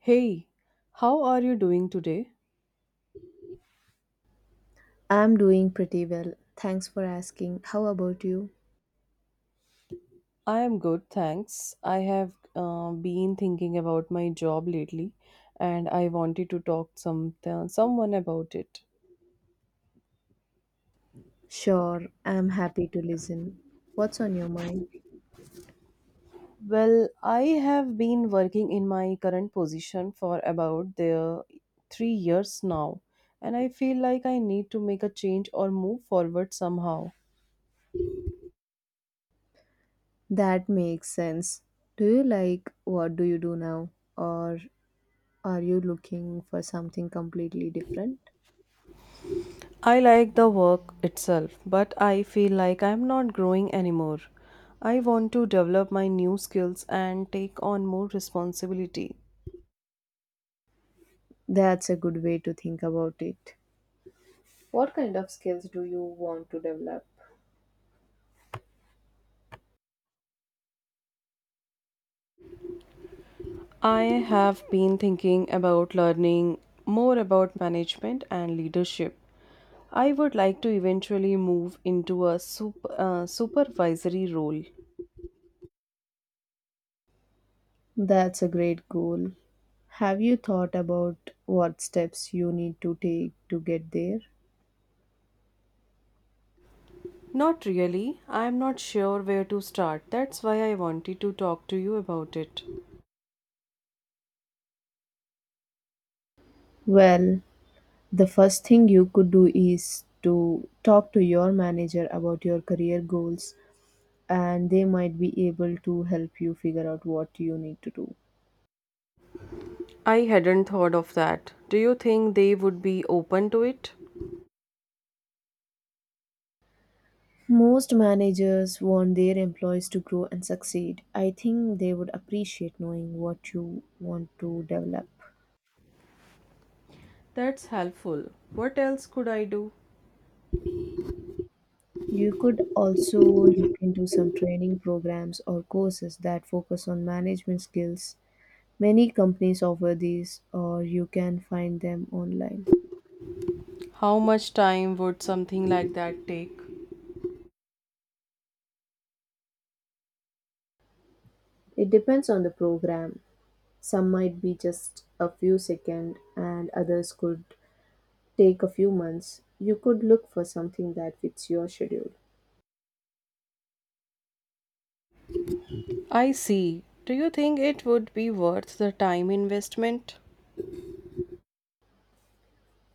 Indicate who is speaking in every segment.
Speaker 1: Hey, how are you doing today?
Speaker 2: I'm doing pretty well. Thanks for asking. How about you?
Speaker 1: I am good, thanks. I have been thinking about my job lately and I wanted to talk some someone about it.
Speaker 2: Sure, I'm happy to listen. What's on your mind?
Speaker 1: Well, I have been working in my current position for about the 3 years now and I feel like I need to make a change or move forward somehow.
Speaker 2: That makes sense. Do you what do you do now? Or are you looking for something completely different?
Speaker 1: I like the work itself, but I feel like I'm not growing anymore. I want to develop my new skills and take on more responsibility.
Speaker 2: That's a good way to think about it. What kind of skills do you want to develop?
Speaker 1: I have been thinking about learning more about management and leadership. I would like to eventually move into a supervisory role.
Speaker 2: That's a great goal. Have you thought about what steps you need to take to get there?
Speaker 1: Not really. I am not sure where to start. That's why I wanted to talk to you about it.
Speaker 2: Well, the first thing you could do is to talk to your manager about your career goals, and they might be able to help you figure out what you need to do.
Speaker 1: I hadn't thought of that. Do you think they would be open to it?
Speaker 2: Most managers want their employees to grow and succeed. I think they would appreciate knowing what you want to develop.
Speaker 1: That's helpful. What else could I do?
Speaker 2: You could also look into some training programs or courses that focus on management skills. Many companies offer these, or you can find them online.
Speaker 1: How much time would something like that take?
Speaker 2: It depends on the program. Some might be just a few seconds, and others could take a few months. You could look for something that fits your schedule.
Speaker 1: I see. Do you think it would be worth the time investment?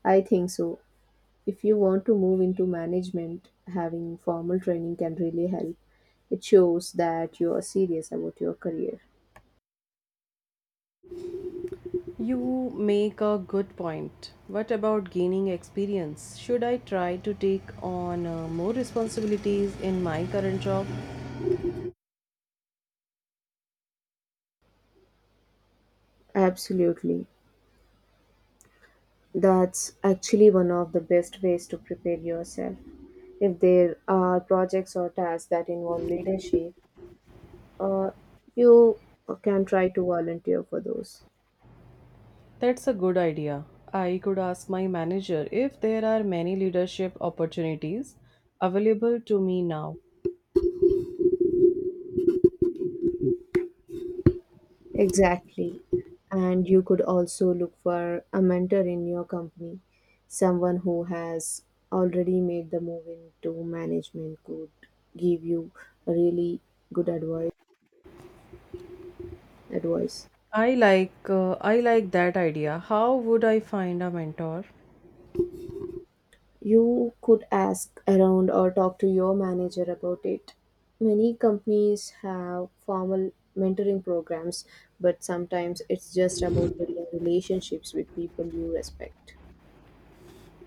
Speaker 2: I think so. If you want to move into management, having formal training can really help. It shows that you are serious about your career.
Speaker 1: You make a good point. What about gaining experience? Should I try to take on more responsibilities in my current job?
Speaker 2: Absolutely. That's actually one of the best ways to prepare yourself. If there are projects or tasks that involve leadership, uh, you can try to volunteer for those.
Speaker 1: That's a good idea. I could ask my manager if there are many leadership opportunities available to me now.
Speaker 2: Exactly. And you could also look for a mentor in your company. Someone who has already made the move into management could give you really good advice.
Speaker 1: I like that idea. How would I find a mentor?
Speaker 2: You could ask around or talk to your manager about it. Many companies have formal mentoring programs, but sometimes it's just about building relationships with people you respect.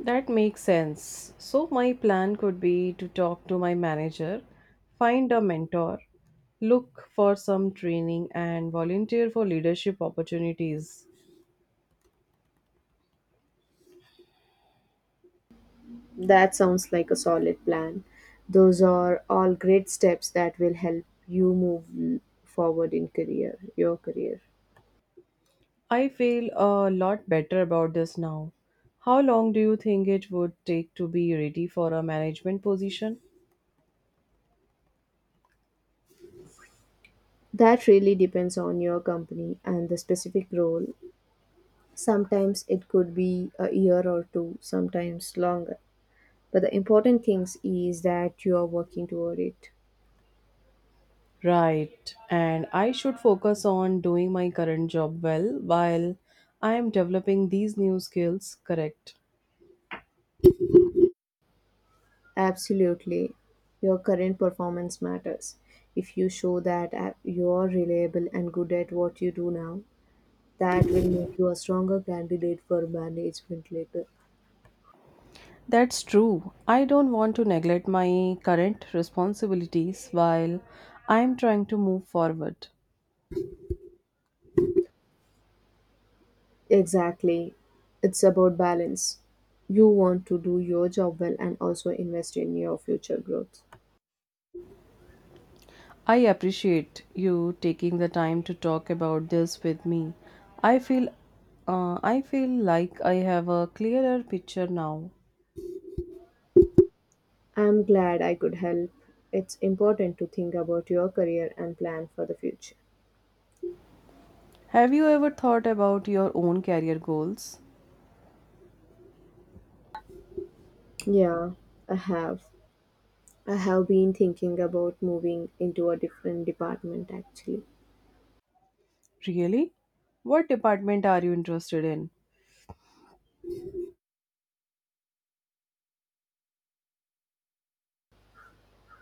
Speaker 1: That makes sense. So my plan could be to talk to my manager, find a mentor, look for some training and volunteer for leadership opportunities.
Speaker 2: That sounds like a solid plan. Those are all great steps that will help you move forward in your career.
Speaker 1: I feel a lot better about this now. How long do you think it would take to be ready for a management position?
Speaker 2: That really depends on your company and the specific role. Sometimes it could be a year or two, sometimes longer. But the important things is that you are working toward it.
Speaker 1: Right, and I should focus on doing my current job well while I am developing these new skills, correct?
Speaker 2: Absolutely. Your current performance matters. If you show that you are reliable and good at what you do now, that will make you a stronger candidate for management later.
Speaker 1: That's true. I don't want to neglect my current responsibilities while I am trying to move forward.
Speaker 2: Exactly. It's about balance. You want to do your job well and also invest in your future growth.
Speaker 1: I appreciate you taking the time to talk about this with me. I feel I feel like I have a clearer picture now.
Speaker 2: I'm glad I could help. It's important to think about your career and plan for the future.
Speaker 1: Have you ever thought about your own career goals?
Speaker 2: Yeah, i have I have been thinking. About moving into a different department actually.
Speaker 1: Really? What department are you interested in?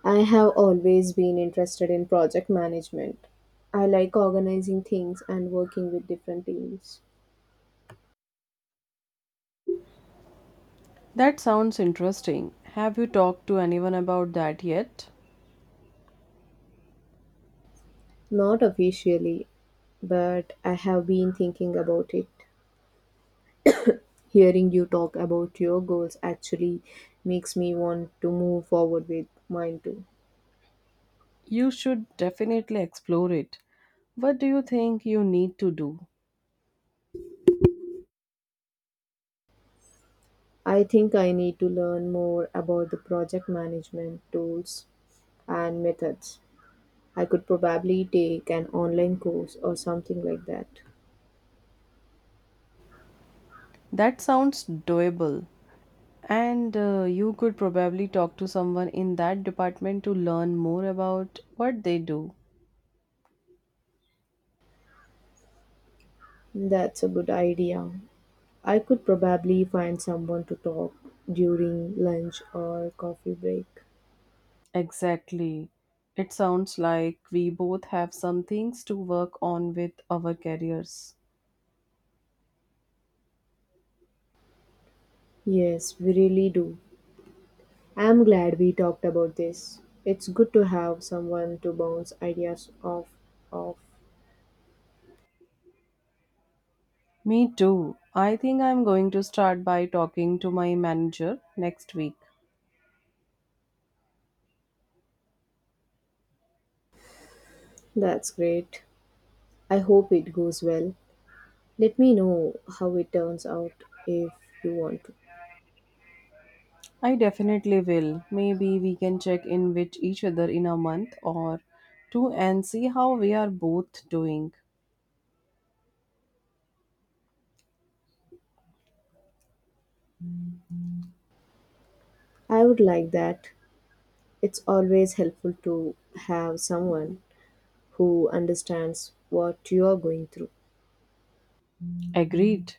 Speaker 2: I have always been interested in project management. I like organizing things and working with different teams.
Speaker 1: That sounds interesting. Have you talked to anyone about that yet?
Speaker 2: Not officially, but I have been thinking about it. Hearing you talk about your goals actually makes me want to move forward with mine too.
Speaker 1: You should definitely explore it. What do you think you need to do?
Speaker 2: I think I need to learn more about the project management tools and methods. I could probably take an online course or something like that.
Speaker 1: That sounds doable. And you could probably talk to someone in that department to learn more about what they do.
Speaker 2: That's a good idea. I could probably find someone to talk during lunch or coffee break.
Speaker 1: Exactly. It sounds like we both have some things to work on with our careers.
Speaker 2: Yes, we really do. I'm glad we talked about this. It's good to have someone to bounce ideas off.
Speaker 1: Me too. I think I'm going to start by talking to my manager next week.
Speaker 2: That's great. I hope it goes well. Let me know how it turns out if you want to.
Speaker 1: I definitely will. Maybe we can check in with each other in a month or two and see how we are both doing.
Speaker 2: I would like that. It's always helpful to have someone who understands what you are going through.
Speaker 1: Agreed.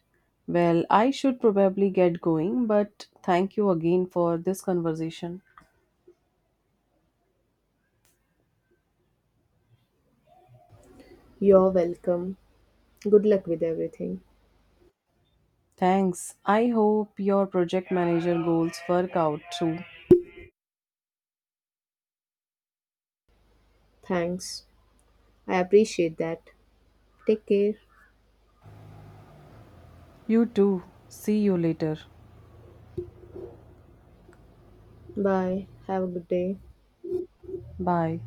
Speaker 1: Well, I should probably get going, but thank you again for this conversation.
Speaker 2: You're welcome. Good luck with everything.
Speaker 1: Thanks. I hope your project manager goals work out too.
Speaker 2: Thanks. I appreciate that. Take care.
Speaker 1: You too. See you later.
Speaker 2: Bye. Have a good day.
Speaker 1: Bye.